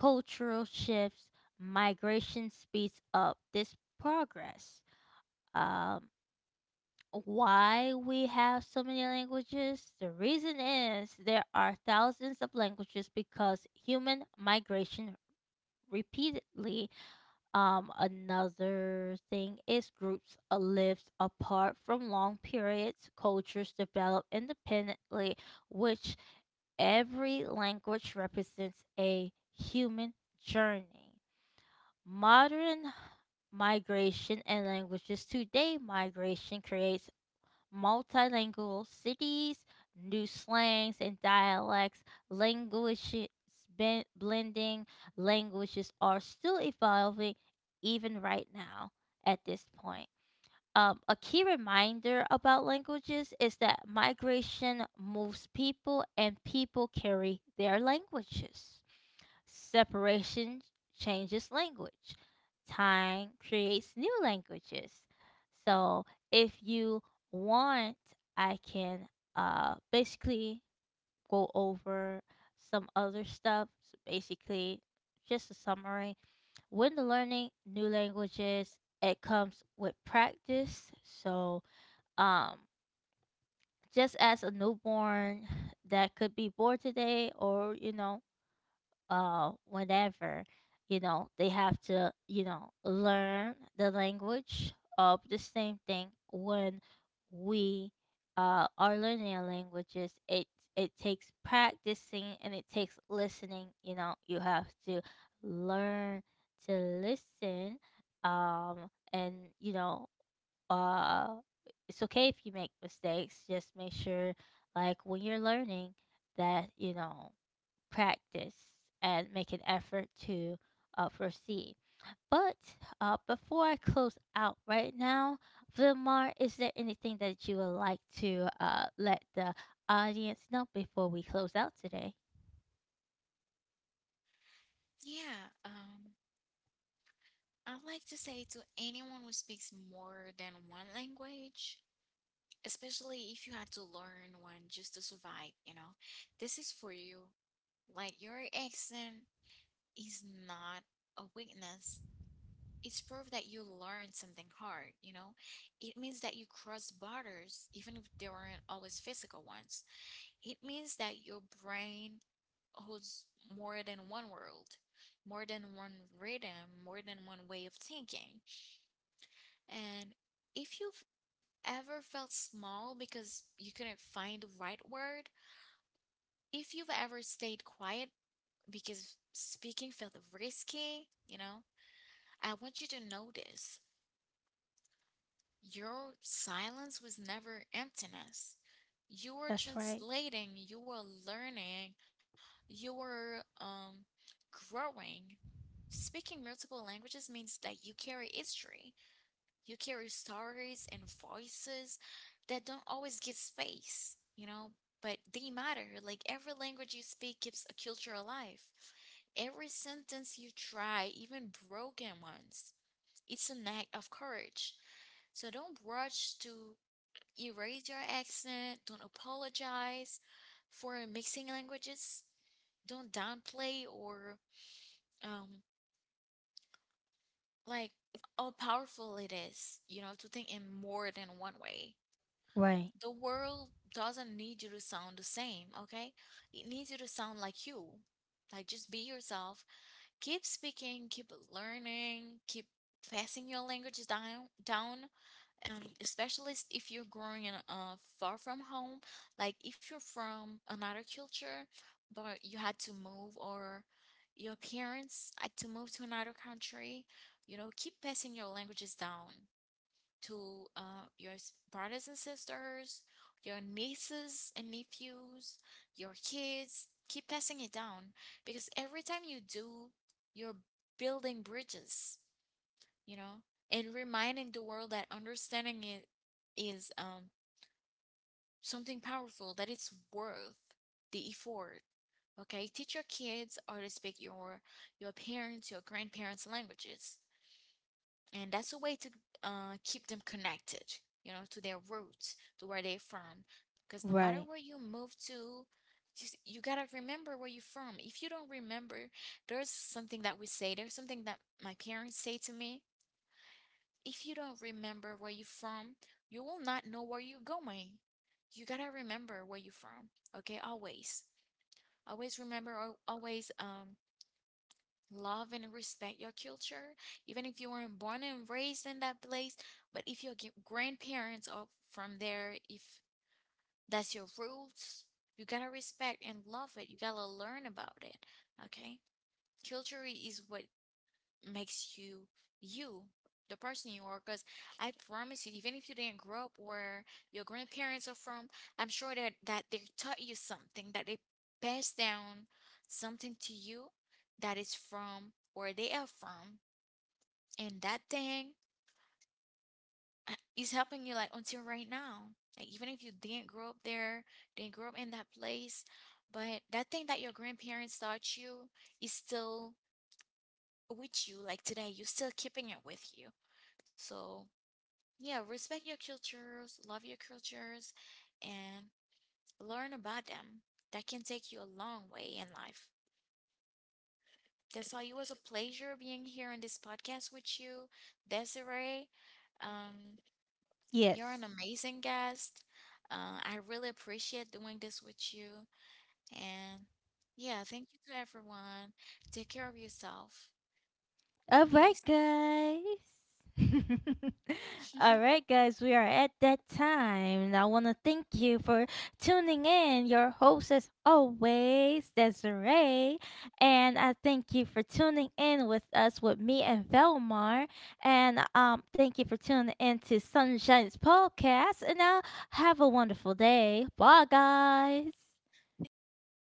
cultural shifts, migration speeds up this progress. um, why we have so many languages? The reason is there are thousands of languages because human migration repeatedly. Another thing is groups lived apart from long periods. Cultures develop independently, which every language represents a human journey. Modern migration and languages today, migration creates multilingual cities, new slangs and dialects, languages blending, languages are still evolving, even right now at this point. A key reminder about languages is that migration moves people, and people carry their languages. Separation changes language. Time creates new languages. So if you want, I can, basically go over some other stuff. So basically, just a summary. When the learning new languages, it comes with practice. So, um, just as a newborn that could be born today, or you know, whenever, they have to, learn the language. Of the same thing when we are learning our languages, it takes practicing and it takes listening. You have to learn to listen. um and uh it's okay if you make mistakes, just make sure, like when you're learning, that practice and make an effort to, proceed. But, before I close out right now, Vilmar, is there anything that you would like to, let the audience know before we close out today? Yeah, I'd like to say to anyone who speaks more than one language, especially if you had to learn one just to survive, you know, this is for you. Like, your accent is not a weakness. It's proof that you learned something hard, you know? It means that you crossed borders, even if they weren't always physical ones. It means that your brain holds more than one world, more than one rhythm, more than one way of thinking. And if you've ever felt small because you couldn't find the right word, if you've ever stayed quiet because speaking felt risky, you know, I want you to notice your silence was never emptiness. You were That's right. translating, you were learning, you were growing. Speaking multiple languages means that you carry history. You carry stories and voices that don't always get space, you know, but they matter. Like every language you speak keeps a culture alive. Every sentence you try, even broken ones, it's an act of courage. So don't rush to erase your accent. Don't apologize for mixing languages. Don't downplay or um like how powerful it is, you know, to think in more than one way. Right. The world doesn't need you to sound the same, okay? It needs you to sound like you. Like just be yourself. Keep speaking, keep learning, keep passing your language down down, and especially if you're growing in far from home, like if you're from another culture but you had to move, or your parents had to move to another country, you know, keep passing your languages down to your brothers and sisters, your nieces and nephews, your kids. Keep passing it down, because every time you do, you're building bridges, you know, and reminding the world that understanding it is something powerful, that it's worth the effort. Okay, teach your kids how to speak your parents, your grandparents' languages, and that's a way to keep them connected, you know, to their roots, to where they're from. Because no matter Right. where you move to, just, you gotta remember where you're from. If you don't remember, there's something that we say, there's something that my parents say to me, if you don't remember where you're from, you will not know where you're going. You gotta remember where you're from, okay? Always, always remember, always love and respect your culture, even if you weren't born and raised in that place. But if your grandparents are from there, if that's your roots, you gotta respect and love it. You gotta learn about it. Okay? Culture is what makes you you, the person you are. Because I promise you, even if you didn't grow up where your grandparents are from, I'm sure that they taught you something, that they passed down something to you that is from where they are from, and that thing is helping you like until right now. Like even if you didn't grow up there, didn't grow up in that place, but that thing that your grandparents taught you is still with you, like today you're still keeping it with you. So yeah, respect your cultures, love your cultures, and learn about them. That can take you a long way in life. That's why it was a pleasure being here on this podcast with you, Desiree. um, you're an Yes. amazing guest. I really appreciate doing this with you, and yeah, thank you to everyone. Take care of yourself. All right, Peace. guys. All right, guys, we are at that time. And I want to thank you for tuning in. Your host, as always, Desiree. And I thank you for tuning in with us, with me and Velmar. And thank you for tuning in to Sunshine's podcast. And, have a wonderful day. Bye, guys. Thank you. Bye.